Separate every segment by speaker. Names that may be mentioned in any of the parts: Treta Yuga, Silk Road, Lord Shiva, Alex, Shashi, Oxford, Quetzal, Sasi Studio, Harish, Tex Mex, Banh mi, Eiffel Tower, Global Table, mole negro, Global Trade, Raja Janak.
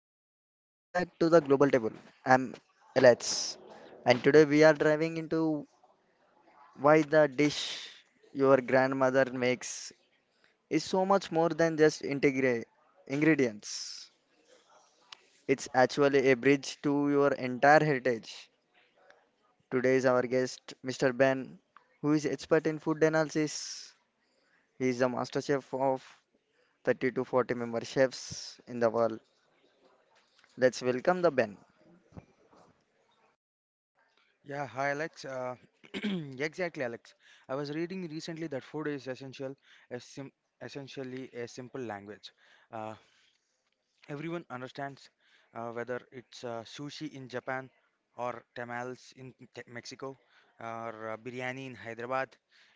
Speaker 1: Hi, hello. Welcome back to the Global Table. I'm Alex, and today we are diving into why the dish your grandmother makes is so much more than just ingredients. It's actually a bridge to your entire heritage. Today is our guest, Mr. Ben, who is expert in food analysis. He is the master chef of 30 to 40 member chefs in the world. Let's welcome the Ben.
Speaker 2: Yeah, hi Alex. Yeah, exactly, Alex. I was reading recently that food is essential, a sim essentially a simple language. Uh, Everyone understands whether it's sushi in Japan or tamales in Mexico or biryani in Hyderabad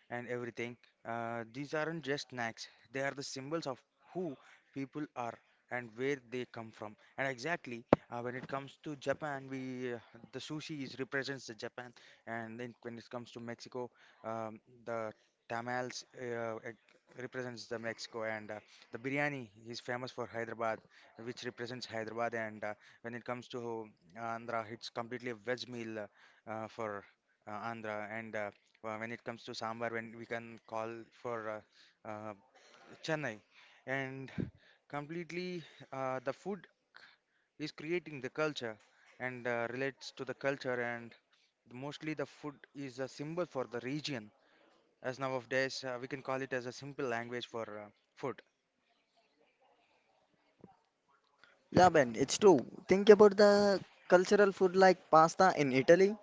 Speaker 2: and everything. These aren't just snacks, they are the symbols of who people are and where they come from. And exactly, when it comes to Japan, we the sushi is represents the Japan, and then when it comes to Mexico, the tamales represents the Mexico, and the biryani is famous for Hyderabad which represents Hyderabad. And when it comes to Andhra, it's completely a veg meal for Andhra. And when it comes to sambar, when we can call for uh, uh, Chennai, and completely the food is creating the culture and relates to the culture. And mostly the food is a symbol for the region. As nowadays, we can call it as a simple language for food.
Speaker 1: Yeah, Ben, it's true. Think about the cultural food like pasta in Italy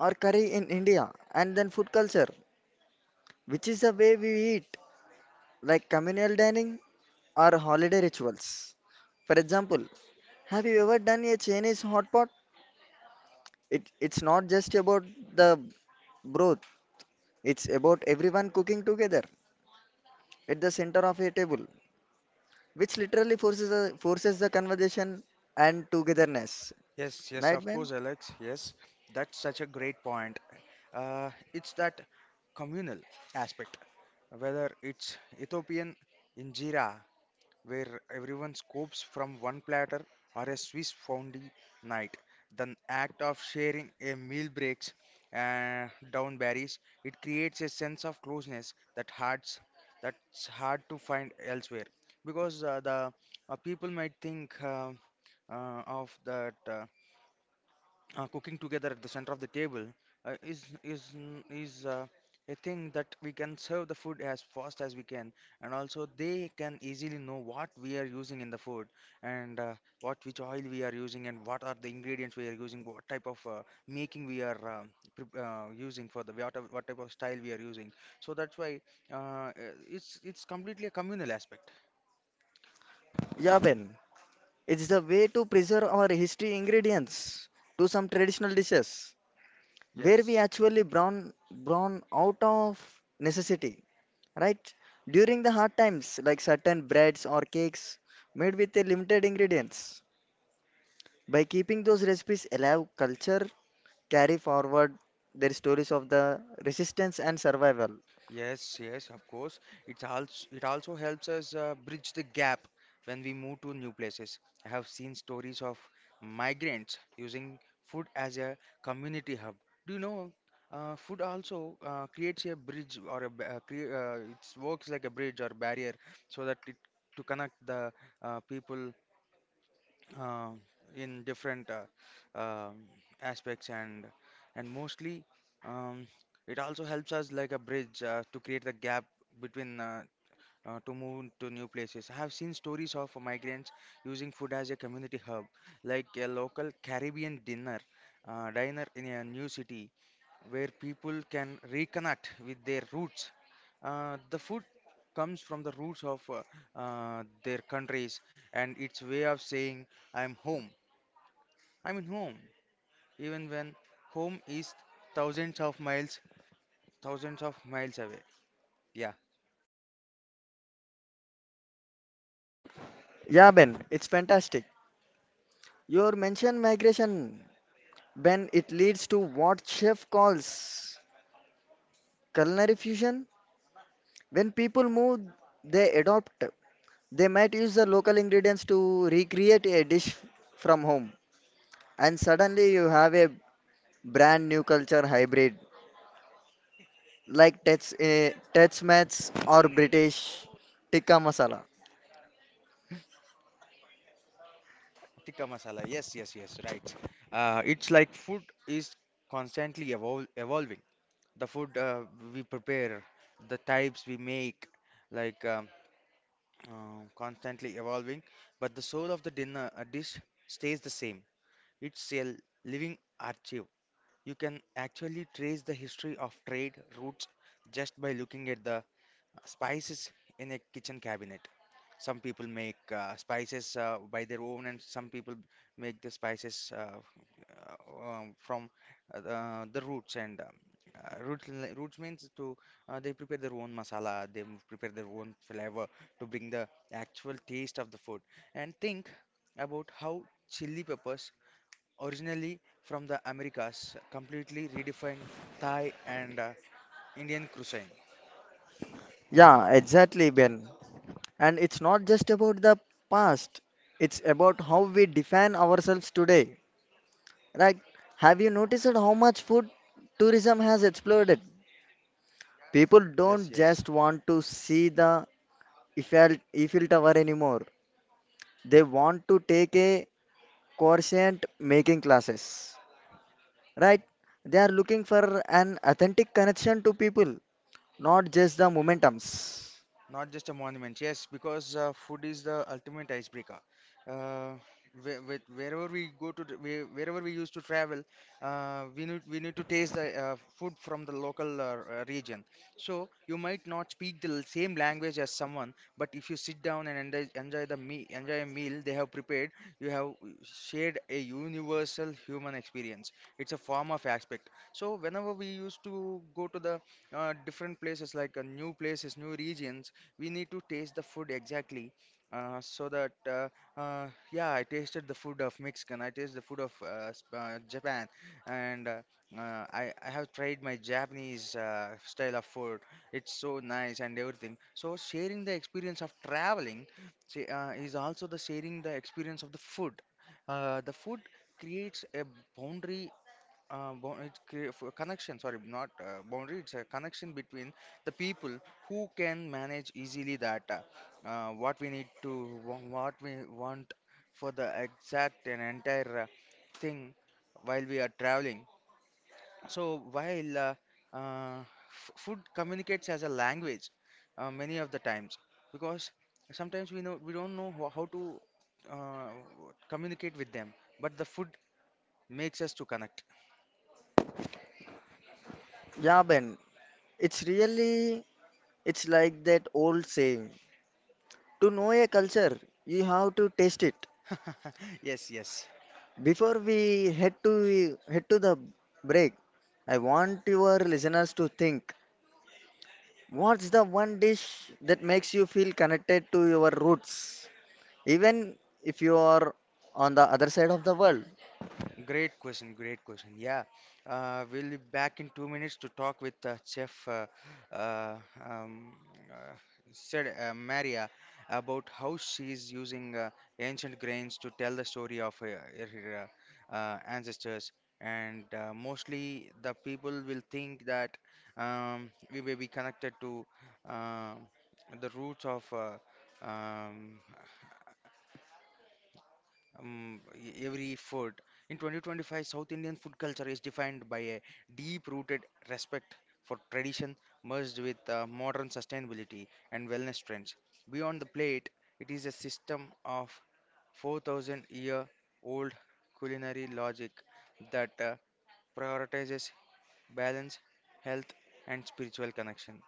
Speaker 1: or curry in India, and then food culture, which is the way we eat, like communal dining or holiday rituals. For example, have you ever done a Chinese hot pot? It's not just about the broth, it's about everyone cooking together at the center of a table, which literally forces the conversation and togetherness.
Speaker 2: Yes, yes,
Speaker 1: Right,
Speaker 2: of
Speaker 1: Ben?
Speaker 2: course, Alex. Yes, that's such a great point. It's that communal aspect, whether it's Ethiopian injera, where everyone scoops from one platter, or a Swiss fondue night. The act of sharing a meal breaks down berries. It creates a sense of closeness that hearts that's hard to find elsewhere, because the people might think of that. Cooking together at the center of the table is a thing that we can serve the food as fast as we can, and also they can easily know what we are using in the food, and what which oil we are using, and what are the ingredients we are using, what type of making we are using for the what type of style we are using. So that's why uh, uh, it's completely a communal aspect.
Speaker 1: Yeah, Ben. It's the way to preserve our history ingredients to some traditional dishes where we
Speaker 2: Yes.
Speaker 1: actually brown out of necessity, right? During the hard times, like certain breads or cakes made with a limited ingredients. By keeping those recipes alive, culture carry forward their stories of the resistance and survival.
Speaker 2: Yes, yes, of course. It also helps us bridge the gap when we move to new places. I have seen stories of migrants using food as a community hub. Do you know? Food also creates a bridge or it works like a bridge or barrier, so that it to connect the people uh, in different um aspects. And mostly, um, it also helps us like a bridge to create the gap between to move to new places. I have seen stories of migrants using food as a community hub, like a local Caribbean dinner diner in a new city where people can reconnect with their roots. The food comes from the roots of their countries, and its way of saying I'm home I mean home, even when home is thousands of miles, thousands of miles away. Yeah,
Speaker 1: Yeah, Ben, it's fantastic. Your mention migration, Ben, it leads to what chef calls culinary fusion. When people move, they adopt. They might use the local ingredients to recreate a dish from home, and suddenly you have a brand new culture hybrid like Tex Mex or British tikka masala.
Speaker 2: tikka masala. Yes, yes, yes, right. It's like food is constantly evol evolving. The food we prepare, the types we make, like constantly evolving. But the soul of the dinner dish stays the same. It's a living archive. You can actually trace the history of trade routes just by looking at the spices in a kitchen cabinet. Some people make spices by their own, and some people make the spices from the roots. And roots, roots means to, they prepare their own masala, they prepare their own flavor to bring the actual taste of the food. And think about how chili peppers, originally from the Americas, completely redefined Thai and Indian cuisine.
Speaker 1: Yeah, exactly, Ben. And it's not just about the past; it's about how we define ourselves today. Right? Have you noticed how much food tourism has exploded? People
Speaker 2: Uh,
Speaker 1: don't
Speaker 2: yes, yes.
Speaker 1: just want to see the Eiffel, Eiffel Tower anymore. They want to take a quotient making classes, right? They are looking for an authentic connection to people, not just the momentums.
Speaker 2: Not just a monument, yes, because food is the ultimate icebreaker. Uh, with wherever we go to, wherever we used to travel, we need to taste the food from the local region. So you might not speak the same language as someone, but if you sit down and enjoy a meal they have prepared, you have shared a universal human experience. It's a form of aspect. So whenever we used to go to the different places, like new places, new regions, we need to taste the food exactly, so that uh, uh, yeah, I tasted the food of mexican, I tasted the food of japan, and I have tried my japanese style of food. It's so nice and everything. So sharing the experience of traveling, say, is also the sharing the experience of the food. The food creates a boundary, it creates a connection, sorry not boundary, it's a connection between the people who can manage easily that, what we need to, what we want for the exact and entire thing while we are traveling. So while uh, food communicates as a language many of the times, because sometimes we don't know how to uh, communicate with them, but the food makes us to connect.
Speaker 1: Yeah, Ben, it's really, it's like that old saying, to know a culture, you have to taste it.
Speaker 2: Yes, yes.
Speaker 1: Before we head to the break, I want your listeners to think, what's the one dish that makes you feel connected to your roots? Even if you are on the other side of the world.
Speaker 2: Great question, great question. Yeah, we'll be back in 2 minutes to talk with Chef uh, um, uh, said Maria about how she's using ancient grains to tell the story of her ancestors. And mostly the people will think that we may be connected to um the roots of um, every food. In 2025, South Indian food culture is defined by a deep-rooted respect for tradition, merged with modern sustainability and wellness trends. Beyond the plate, it is a system of 4,000-year-old culinary logic that prioritizes balance, health, and spiritual connection.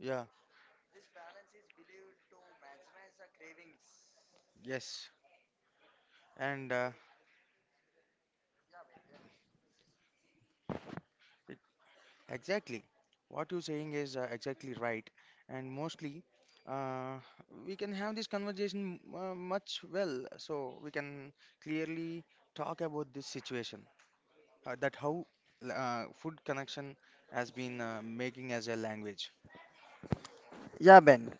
Speaker 2: Yeah, yes, and exactly. What you're saying is exactly right. And mostly, uh, we can have this conversation much well. So we can clearly talk about this situation, that how food connection has been making as a language.
Speaker 1: Yeah, Ben,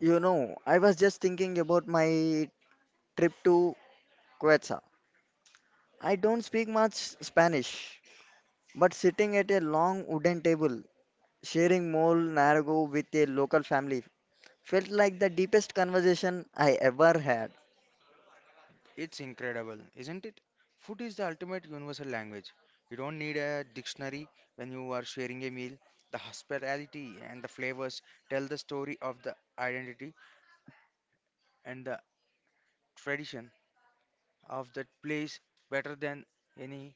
Speaker 1: you know, I was just thinking about my trip to Quetzal. I don't speak much Spanish, but sitting at a long wooden table, sharing mole nargo with a local family, felt like the deepest conversation I ever had.
Speaker 2: It's incredible, isn't it? Food is the ultimate universal language. You don't need a dictionary when you are sharing a meal. The hospitality and the flavors tell the story of the identity and the tradition of that place better than any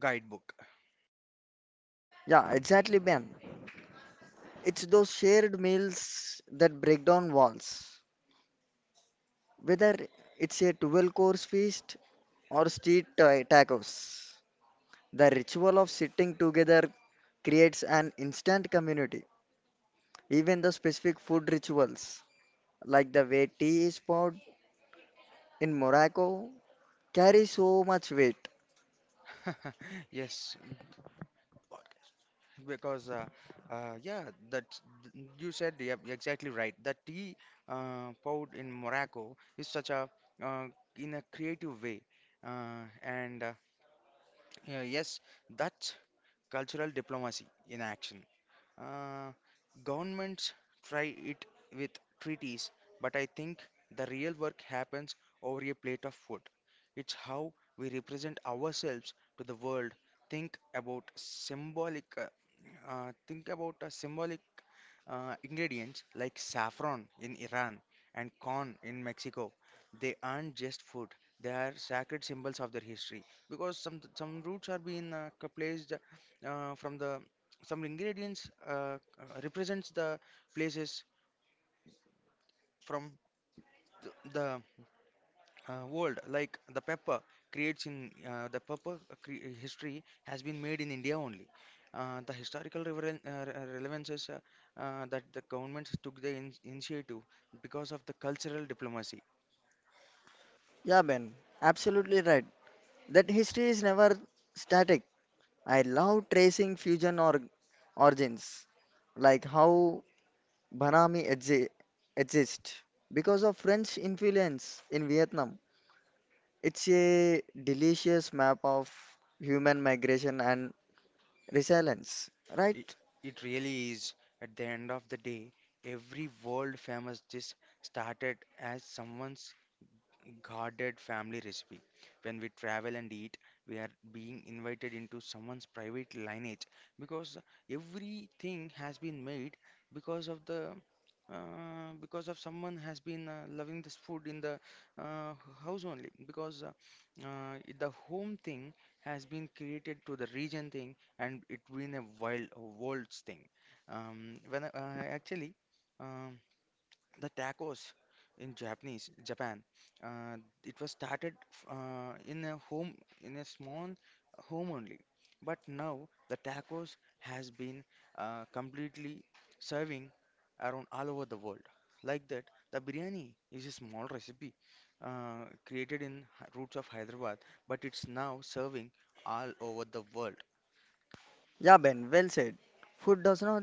Speaker 2: guidebook.
Speaker 1: Yeah, exactly, Ben. It's those shared meals that break down walls, whether it's a 12 course feast or tacos. The ritual of sitting together creates an instant community. Even the specific food rituals, like the way tea is poured in Morocco, carry so much weight.
Speaker 2: Yes, because yeah, that you said, yeah, exactly right. The tea poured in Morocco is such a uh, in a creative way, and yeah, yes, that's cultural diplomacy in action. Uh, Governments try it with treaties, but I think the real work happens over a plate of food. It's how we represent ourselves to the world. Think about symbolic, uh, think about a symbolic ingredients like saffron in Iran and corn in Mexico. They aren't just food; they are sacred symbols of their history. Because some roots are being placed from the some ingredients, represents the places from the world, like the pepper creates in history has been made in India only. The historical relevances, that the government took the initiative because of the cultural diplomacy.
Speaker 1: Yeah, Ben, absolutely right. That history is never static. I love tracing fusion or origins, like how Banami exi- exists because of French influence in Vietnam. It's a delicious map of human migration and resilience, right?
Speaker 2: It, it really is, at the end of the day, every world famous dish started as someone's guarded family recipe. When we travel and eat, we are being invited into someone's private lineage, because everything has been made because of the, because of someone has been loving this food in the uh, house only. Because the home thing has been created to the region thing, and it been a wild world's thing. When actually. Um, the tacos in Japan. Uh, it was started in a home, in a small home only, but now the tacos has been completely serving around all over the world. Like that, the biryani is a small recipe created in roots of Hyderabad, but it's now serving all over the world.
Speaker 1: Yeah, Ben, well said. Food does not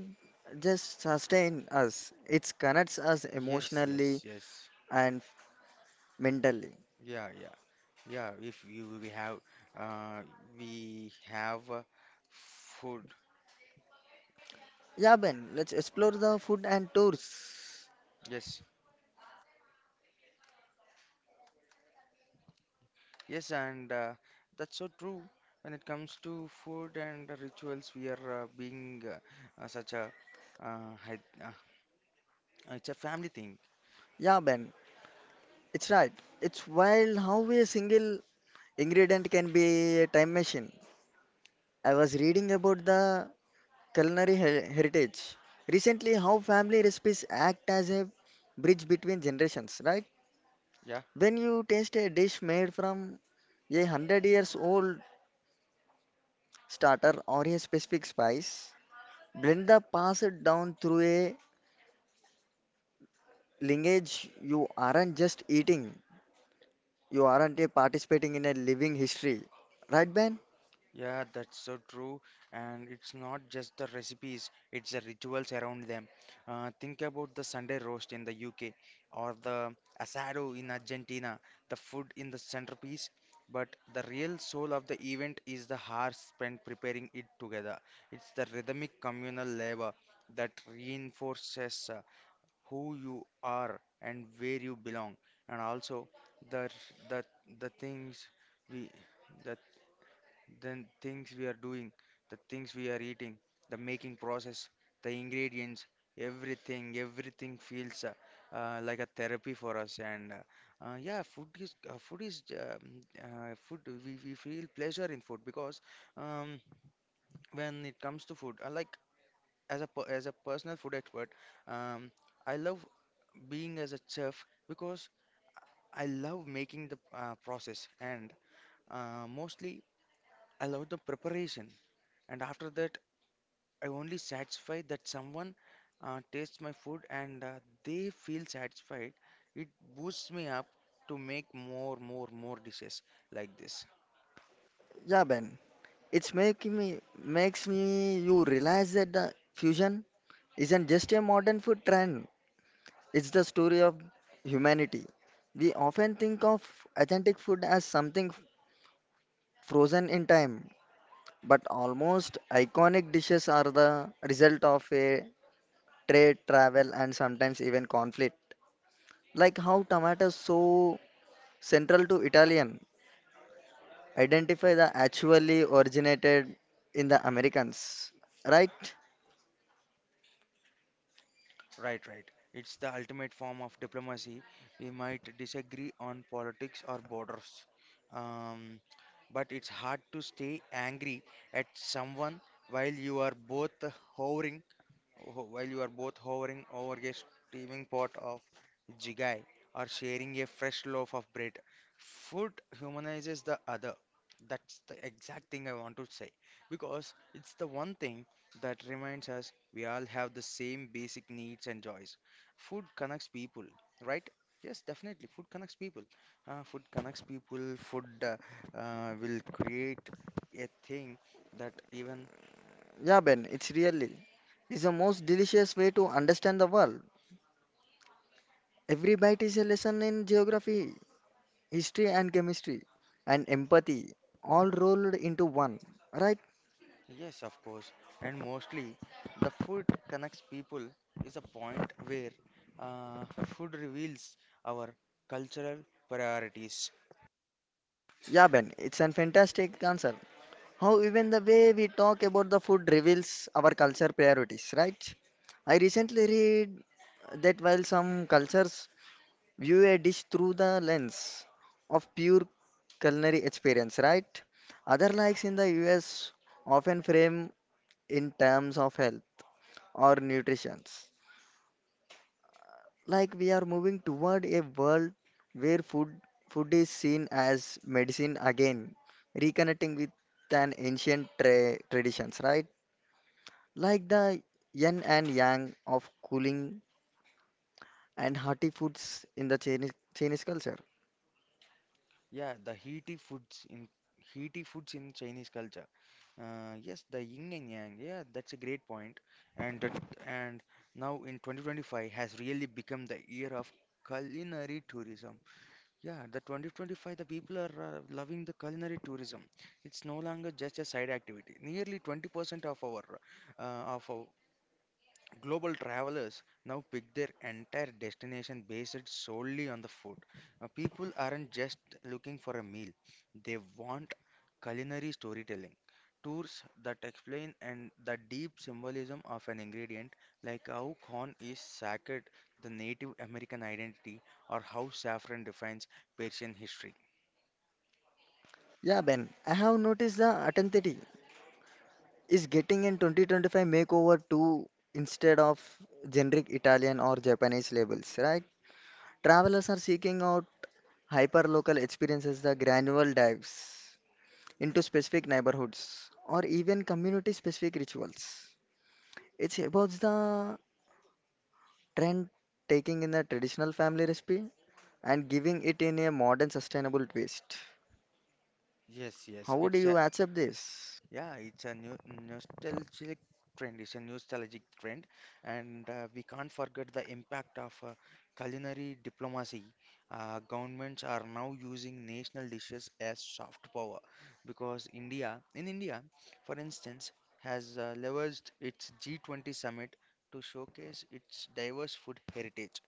Speaker 1: just sustain us, it connects us
Speaker 2: Yes,
Speaker 1: emotionally
Speaker 2: yes, yes.
Speaker 1: and mentally.
Speaker 2: Yeah, yeah. Yeah, if you uh, we have food.
Speaker 1: Yeah, Ben, let's explore the food and tours.
Speaker 2: Yes, yes, and that's so true. When it comes to food and rituals, we are being such a uh, hy- uh, it's a family thing.
Speaker 1: Yeah, Ben, it's right. It's wild how a single ingredient can be a time machine. I was reading about the heritage recently, how family recipes act as a bridge between generations, right?
Speaker 2: Yeah.
Speaker 1: When you taste a dish made from a hundred years old starter or a specific spice, blend the pass it down through a lineage. You aren't just eating, you aren't a participating in a living history. Right, Ben?
Speaker 2: Yeah, that's so true. And it's not just the recipes, it's the rituals around them. Think about the Sunday roast in the UK or the asado in Argentina, the food in the centerpiece. But the real soul of the event is the hours spent preparing it together. It's the rhythmic communal labor that reinforces, who you are and where you belong. And also the the the things we the the things we are doing, the things we are eating, the making process, the ingredients, everything, everything feels like a therapy for us. And Yeah, food is food. We feel pleasure in food because um, when it comes to food, like as a personal food expert, um, I love being as a chef because I love making the process and mostly I love the preparation. And after that, I only satisfy that someone tastes my food and they feel satisfied. It boosts me up to make more dishes like this.
Speaker 1: Yeah, Ben. It's making me Makes me you realize that the fusion isn't just a modern food trend. It's the story of humanity. We often think of authentic food as something frozen in time, but almost iconic dishes are the result of a trade, travel, and sometimes even conflict. Like how tomatoes, so central to Italian, identify the actually originated in the Americans. Right?
Speaker 2: Right, right. It's the ultimate form of diplomacy. We might disagree on politics or borders, um, but it's hard to stay angry at someone while you are hovering Oh, while you are both hovering over a steaming pot of jigai or sharing a fresh loaf of bread. Food humanizes the other. That's the exact thing I want to say because it's the one thing that reminds us we all have the same basic needs and joys. Food connects people, right? Yes, definitely. Food connects people. Food connects people. Food will create a thing that even
Speaker 1: Yeah, Ben, it's really is the most delicious way to understand the world. Every bite is a lesson in geography, history, and chemistry, and empathy, all rolled into one. Right?
Speaker 2: Yes, of course. And mostly, the food connects people is a point where food reveals our cultural priorities.
Speaker 1: Yeah, Ben, it's a fantastic answer. How even the way we talk about the food reveals our culture priorities, right? I recently read that while some cultures view a dish through the lens of pure culinary experience, right? Other likes in the US often frame in terms of health or nutrition. Like we are moving toward a world where food is seen as medicine again, reconnecting with an traditions, right? Like the yin and yang of cooling and hearty foods in the Chinese culture.
Speaker 2: Yeah, the heaty foods in Chinese culture. Yes, the yin and yang. Yeah, that's a great point. And that, and now in 2025 has really become the year of culinary tourism. Yeah, the 2025, the people are loving the culinary tourism. It's no longer just a side activity. Nearly 20% of our Global travelers now pick their entire destination based solely on the food. People aren't just looking for a meal, they want culinary storytelling. Tours that explain and the deep symbolism of an ingredient, like how corn is sacred, the Native American identity, or how saffron defines Persian history.
Speaker 1: Yeah, Ben, I have noticed the authenticity is getting in 2025 makeover too, instead of generic Italian or Japanese labels, right? Travelers are seeking out hyper-local experiences, the granular dives into specific neighborhoods or even community-specific rituals. It's about the trend taking in the traditional family recipe and giving it in a modern, sustainable twist.
Speaker 2: Yes, yes,
Speaker 1: How do
Speaker 2: it's a
Speaker 1: you accept this?
Speaker 2: Yeah, it's a new nostalgic trend. It's a nostalgic trend, and we can't forget the impact of culinary diplomacy. Governments are now using national dishes as soft power because India, in India, for instance, has leveraged its G20 summit to showcase its diverse food heritage,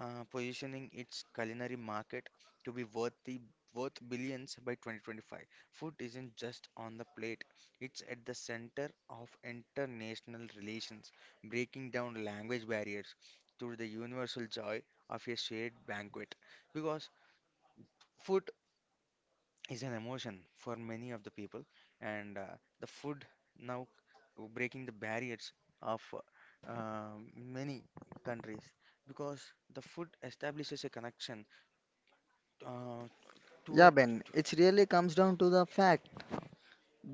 Speaker 2: positioning its culinary market to be worthy worth billions by 2025. Food isn't just on the plate it's at the center of international relations, breaking down language barriers through the universal joy of a shared banquet. Because food is an emotion for many of the people, and the food now breaking the barriers of many countries because the food establishes a connection uh,
Speaker 1: Yeah,
Speaker 2: toward
Speaker 1: Ben, it really comes down to the fact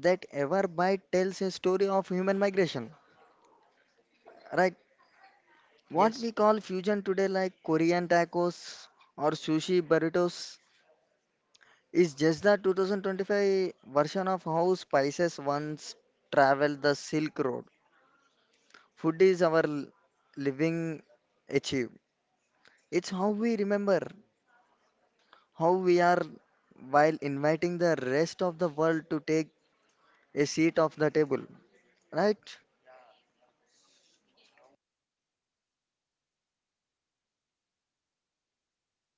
Speaker 1: that Everbite tells a story of human migration. Right, what
Speaker 2: yes.
Speaker 1: we call fusion today, like Korean tacos or sushi burritos, is just the 2025 version of how spices once traveled the Silk Road. Food is our living achieve. It's how we remember how we are while inviting the rest of the world to take a seat of the table. Right?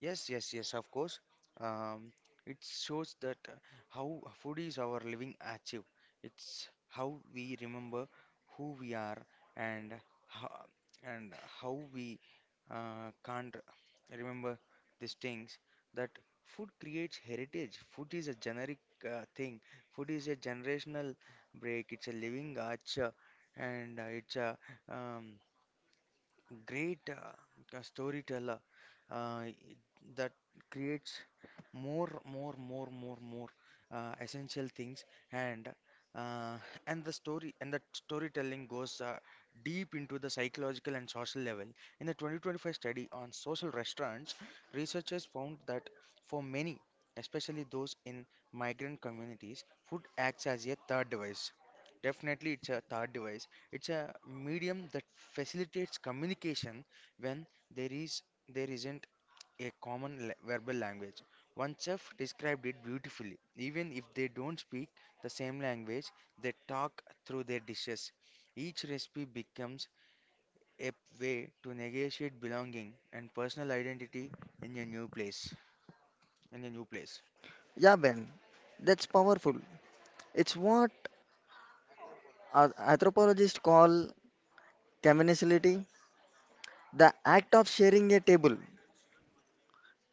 Speaker 2: Yes, yes, yes, of course. Um, it shows that how food is our living archive. It's how we remember who we are and how, and how we can't remember these things. That food creates heritage. Food is a generic thing. Food is a generational break. It's a living archive, and it's a um, great storyteller uh, that creates more essential things and uh, and the storytelling goes deep into the psychological and social level in the 2025 study on social restaurants. Researchers found that for many, especially those in migrant communities, food acts as a third device. Definitely, it's a third device. It's a medium that facilitates communication when there is there isn't a verbal language. One chef described it beautifully. Even if they don't speak the same language, they talk through their dishes. Each recipe becomes a way to negotiate belonging and personal identity in a new place. In a new place.
Speaker 1: Yeah, Ben. That's powerful. It's what anthropologists call communality, the act of sharing a table.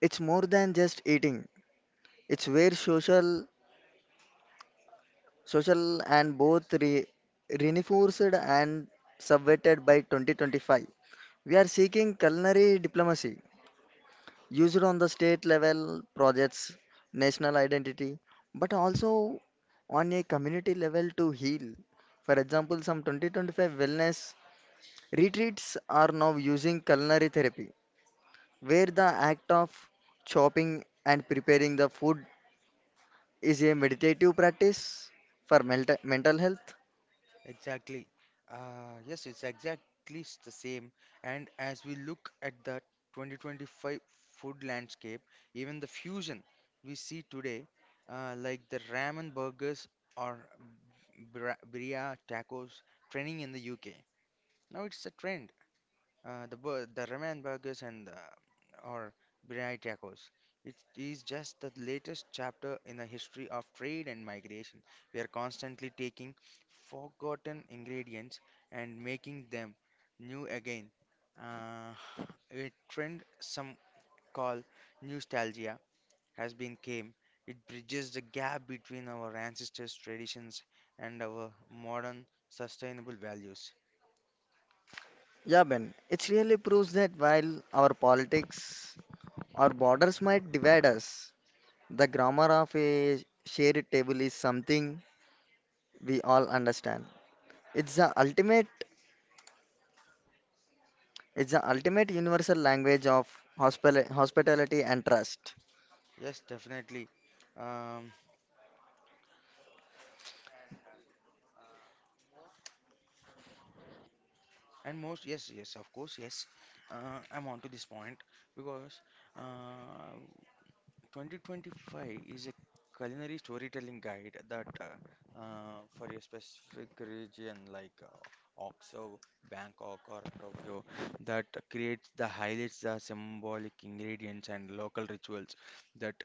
Speaker 1: It's more than just eating. It's where social, social and both reinforced and subverted by 2025. We are seeking culinary diplomacy use on the state level projects, national identity, but also on a community level to heal. For example, some 2025 wellness retreats are now using culinary therapy, where the act of chopping and preparing the food is a meditative practice for mental health.
Speaker 2: Exactly. Yes, it's exactly the same. And as we look at the 2025 food landscape, even the fusion we see today, like the ramen burgers or birria tacos trending in the UK. Now it's a trend. The ramen burgers and or biryani tacos. It is just the latest chapter in the history of trade and migration. We are constantly taking forgotten ingredients and making them new again. Uh, a trend some call nostalgia has been came. It bridges the gap between our ancestors' traditions and our modern sustainable values.
Speaker 1: Yeah, Ben, it really proves that while our politics or borders might divide us, the grammar of a shared table is something we all understand. It's the ultimate it's the ultimate universal language of hospitality and trust.
Speaker 2: Yes, definitely. Um, And most, yes, yes, of course, yes. I'm on to this point because uh, 2025 is a culinary storytelling guide that for a specific region like Oxo, Bangkok, or Tokyo that creates the highlights, the symbolic ingredients, and local rituals that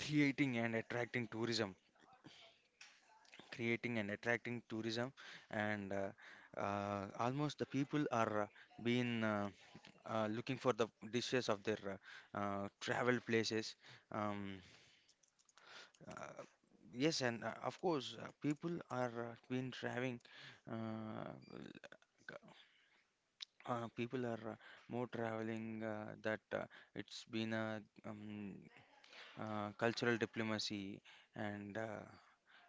Speaker 2: creating and attracting tourism, creating and attracting tourism, and almost the people are being. Looking for the dishes of their travel places. Um, uh, yes, and of course, people are been traveling. Uh, People are more traveling that it's been a cultural diplomacy, and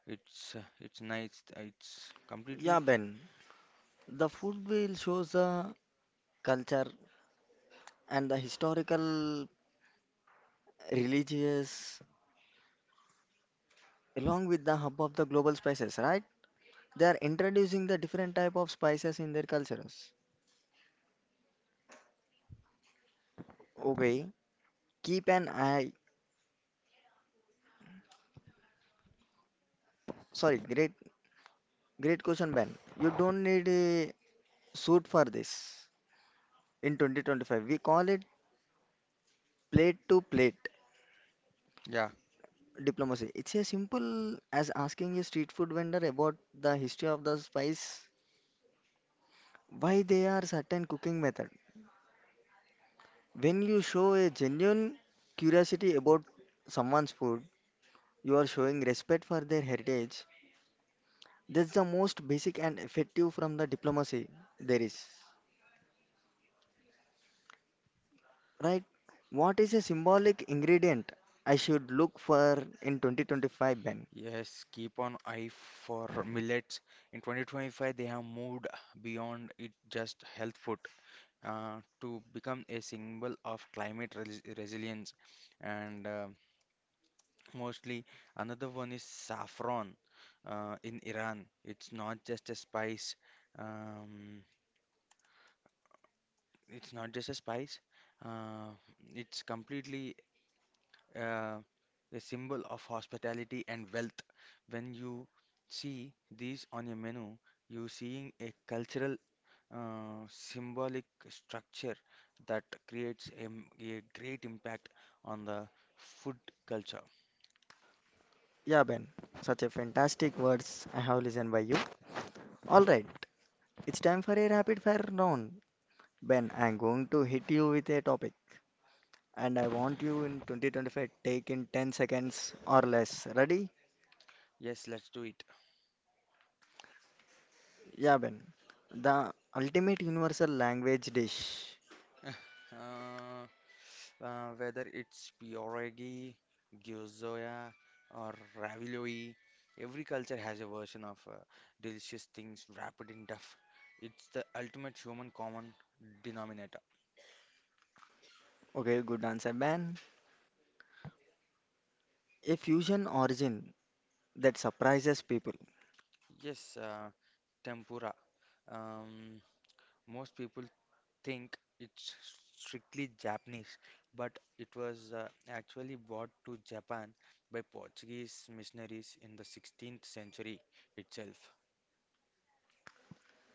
Speaker 2: it's nice. It's completely
Speaker 1: Yeah, Ben. The food wheel shows the culture and the historical, religious, along with the hub of the global spices, right? They are introducing the different type of spices in their cultures. Okay, keep an eye. Sorry, great question, Ben. You don't need a suit for this in 2025. We call it plate to plate
Speaker 2: yeah.
Speaker 1: diplomacy. It's as simple as asking a street food vendor about the history of the spice, why they are certain cooking method. When you show a genuine curiosity about someone's food, you are showing respect for their heritage. That's the most basic and effective from the diplomacy there is. Right? What is a symbolic ingredient I should look for in 2025, Ben?
Speaker 2: Yes, keep on eye for millets. In 2025, they have moved beyond it just health food, to become a symbol of climate resilience. And mostly, another one is saffron in Iran. It's not just a spice. Um, it's not just a spice. Uh, it's completely uh, a symbol of hospitality and wealth. When you see these on your menu, you're seeing a cultural symbolic structure that creates a great impact on the food culture.
Speaker 1: Yeah, Ben. Such a fantastic words I have listened by you. All right. It's time for a rapid fire round. Ben, I'm going to hit you with a topic and I want you in 2025 take in 10 seconds or less. Ready?
Speaker 2: Yes, let's do it.
Speaker 1: Yeah, Ben. The ultimate universal language dish.
Speaker 2: Uh, Whether it's pierogi, gyoza, or ravioli, every culture has a version of delicious things wrapped in duff. It's the ultimate human common denominator.
Speaker 1: Okay, good answer, Ben. A fusion origin that surprises people.
Speaker 2: Yes, tempura. Um, Most people think it's strictly Japanese, but it was actually brought to Japan by Portuguese missionaries in the 16th century itself.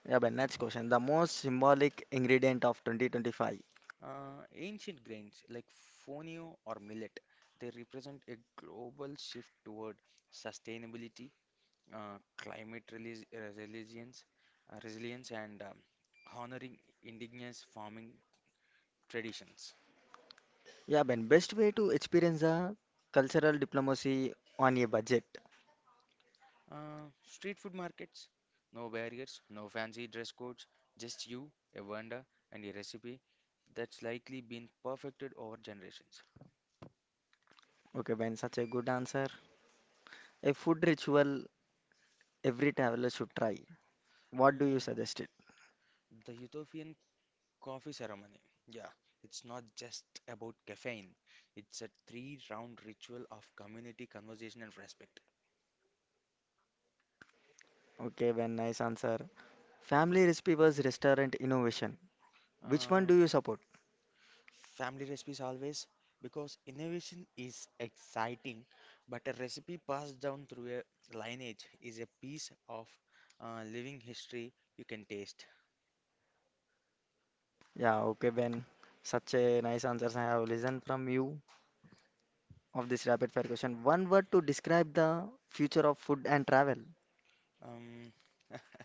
Speaker 1: Yeah, Ben, next question. The most symbolic ingredient of 2025.
Speaker 2: Ancient grains like fonio or millet, they represent a global shift toward sustainability, uh, climate relis- resilience, and honoring indigenous farming traditions.
Speaker 1: Yeah, Ben, best way to experience the cultural diplomacy on a budget.
Speaker 2: Street food markets, no barriers, no fancy dress codes, just you, a vendor, and a recipe that's likely been perfected over generations.
Speaker 1: Okay, Ben, such a good answer. A food ritual every traveler should try. What do you
Speaker 2: Mm,
Speaker 1: suggest it?
Speaker 2: the Ethiopian coffee ceremony. Yeah, it's not just about caffeine, it's a three round ritual of community, conversation, and respect.
Speaker 1: Okay, well, nice answer. Family recipe versus restaurant innovation. Which one
Speaker 2: Uh,
Speaker 1: do you support?
Speaker 2: Family recipes always because innovation is exciting, but a recipe passed down through a lineage is a piece of living history you can taste.
Speaker 1: Yeah, okay, Ben. Such a nice answers I have listened from you of this rapid fire question. One word to describe the future of food and travel.
Speaker 2: Um,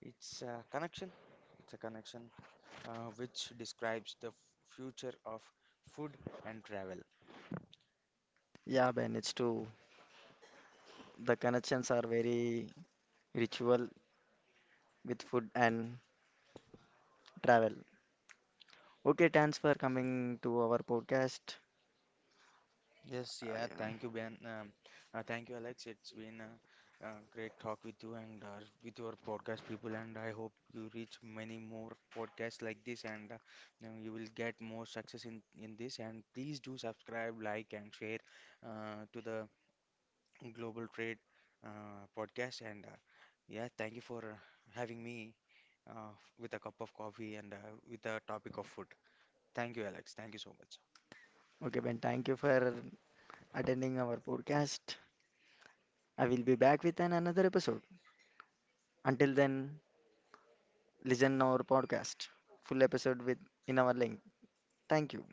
Speaker 2: it's a connection. It's a connection which describes the future of food and travel.
Speaker 1: Yeah, Ben, it's true. The connections are very ritual with food and travel. Okay, thanks for coming to our podcast.
Speaker 2: Yes,
Speaker 1: I,
Speaker 2: yeah,
Speaker 1: uh,
Speaker 2: thank you, Ben. Thank you, Alex. It's been a great talk with you and with your podcast people, and I hope you reach many more podcasts like this, and you know, you will get more success in this. And please do subscribe, like, and share to the Global Trade podcast. And yeah, thank you for having me uh, with a cup of coffee and with a topic of food. Thank you, Alex. Thank you so much.
Speaker 1: Okay, Ben, thank you for attending our podcast. I will be back with an another episode. Until then, listen our podcast. Full episode with in our link. Thank you.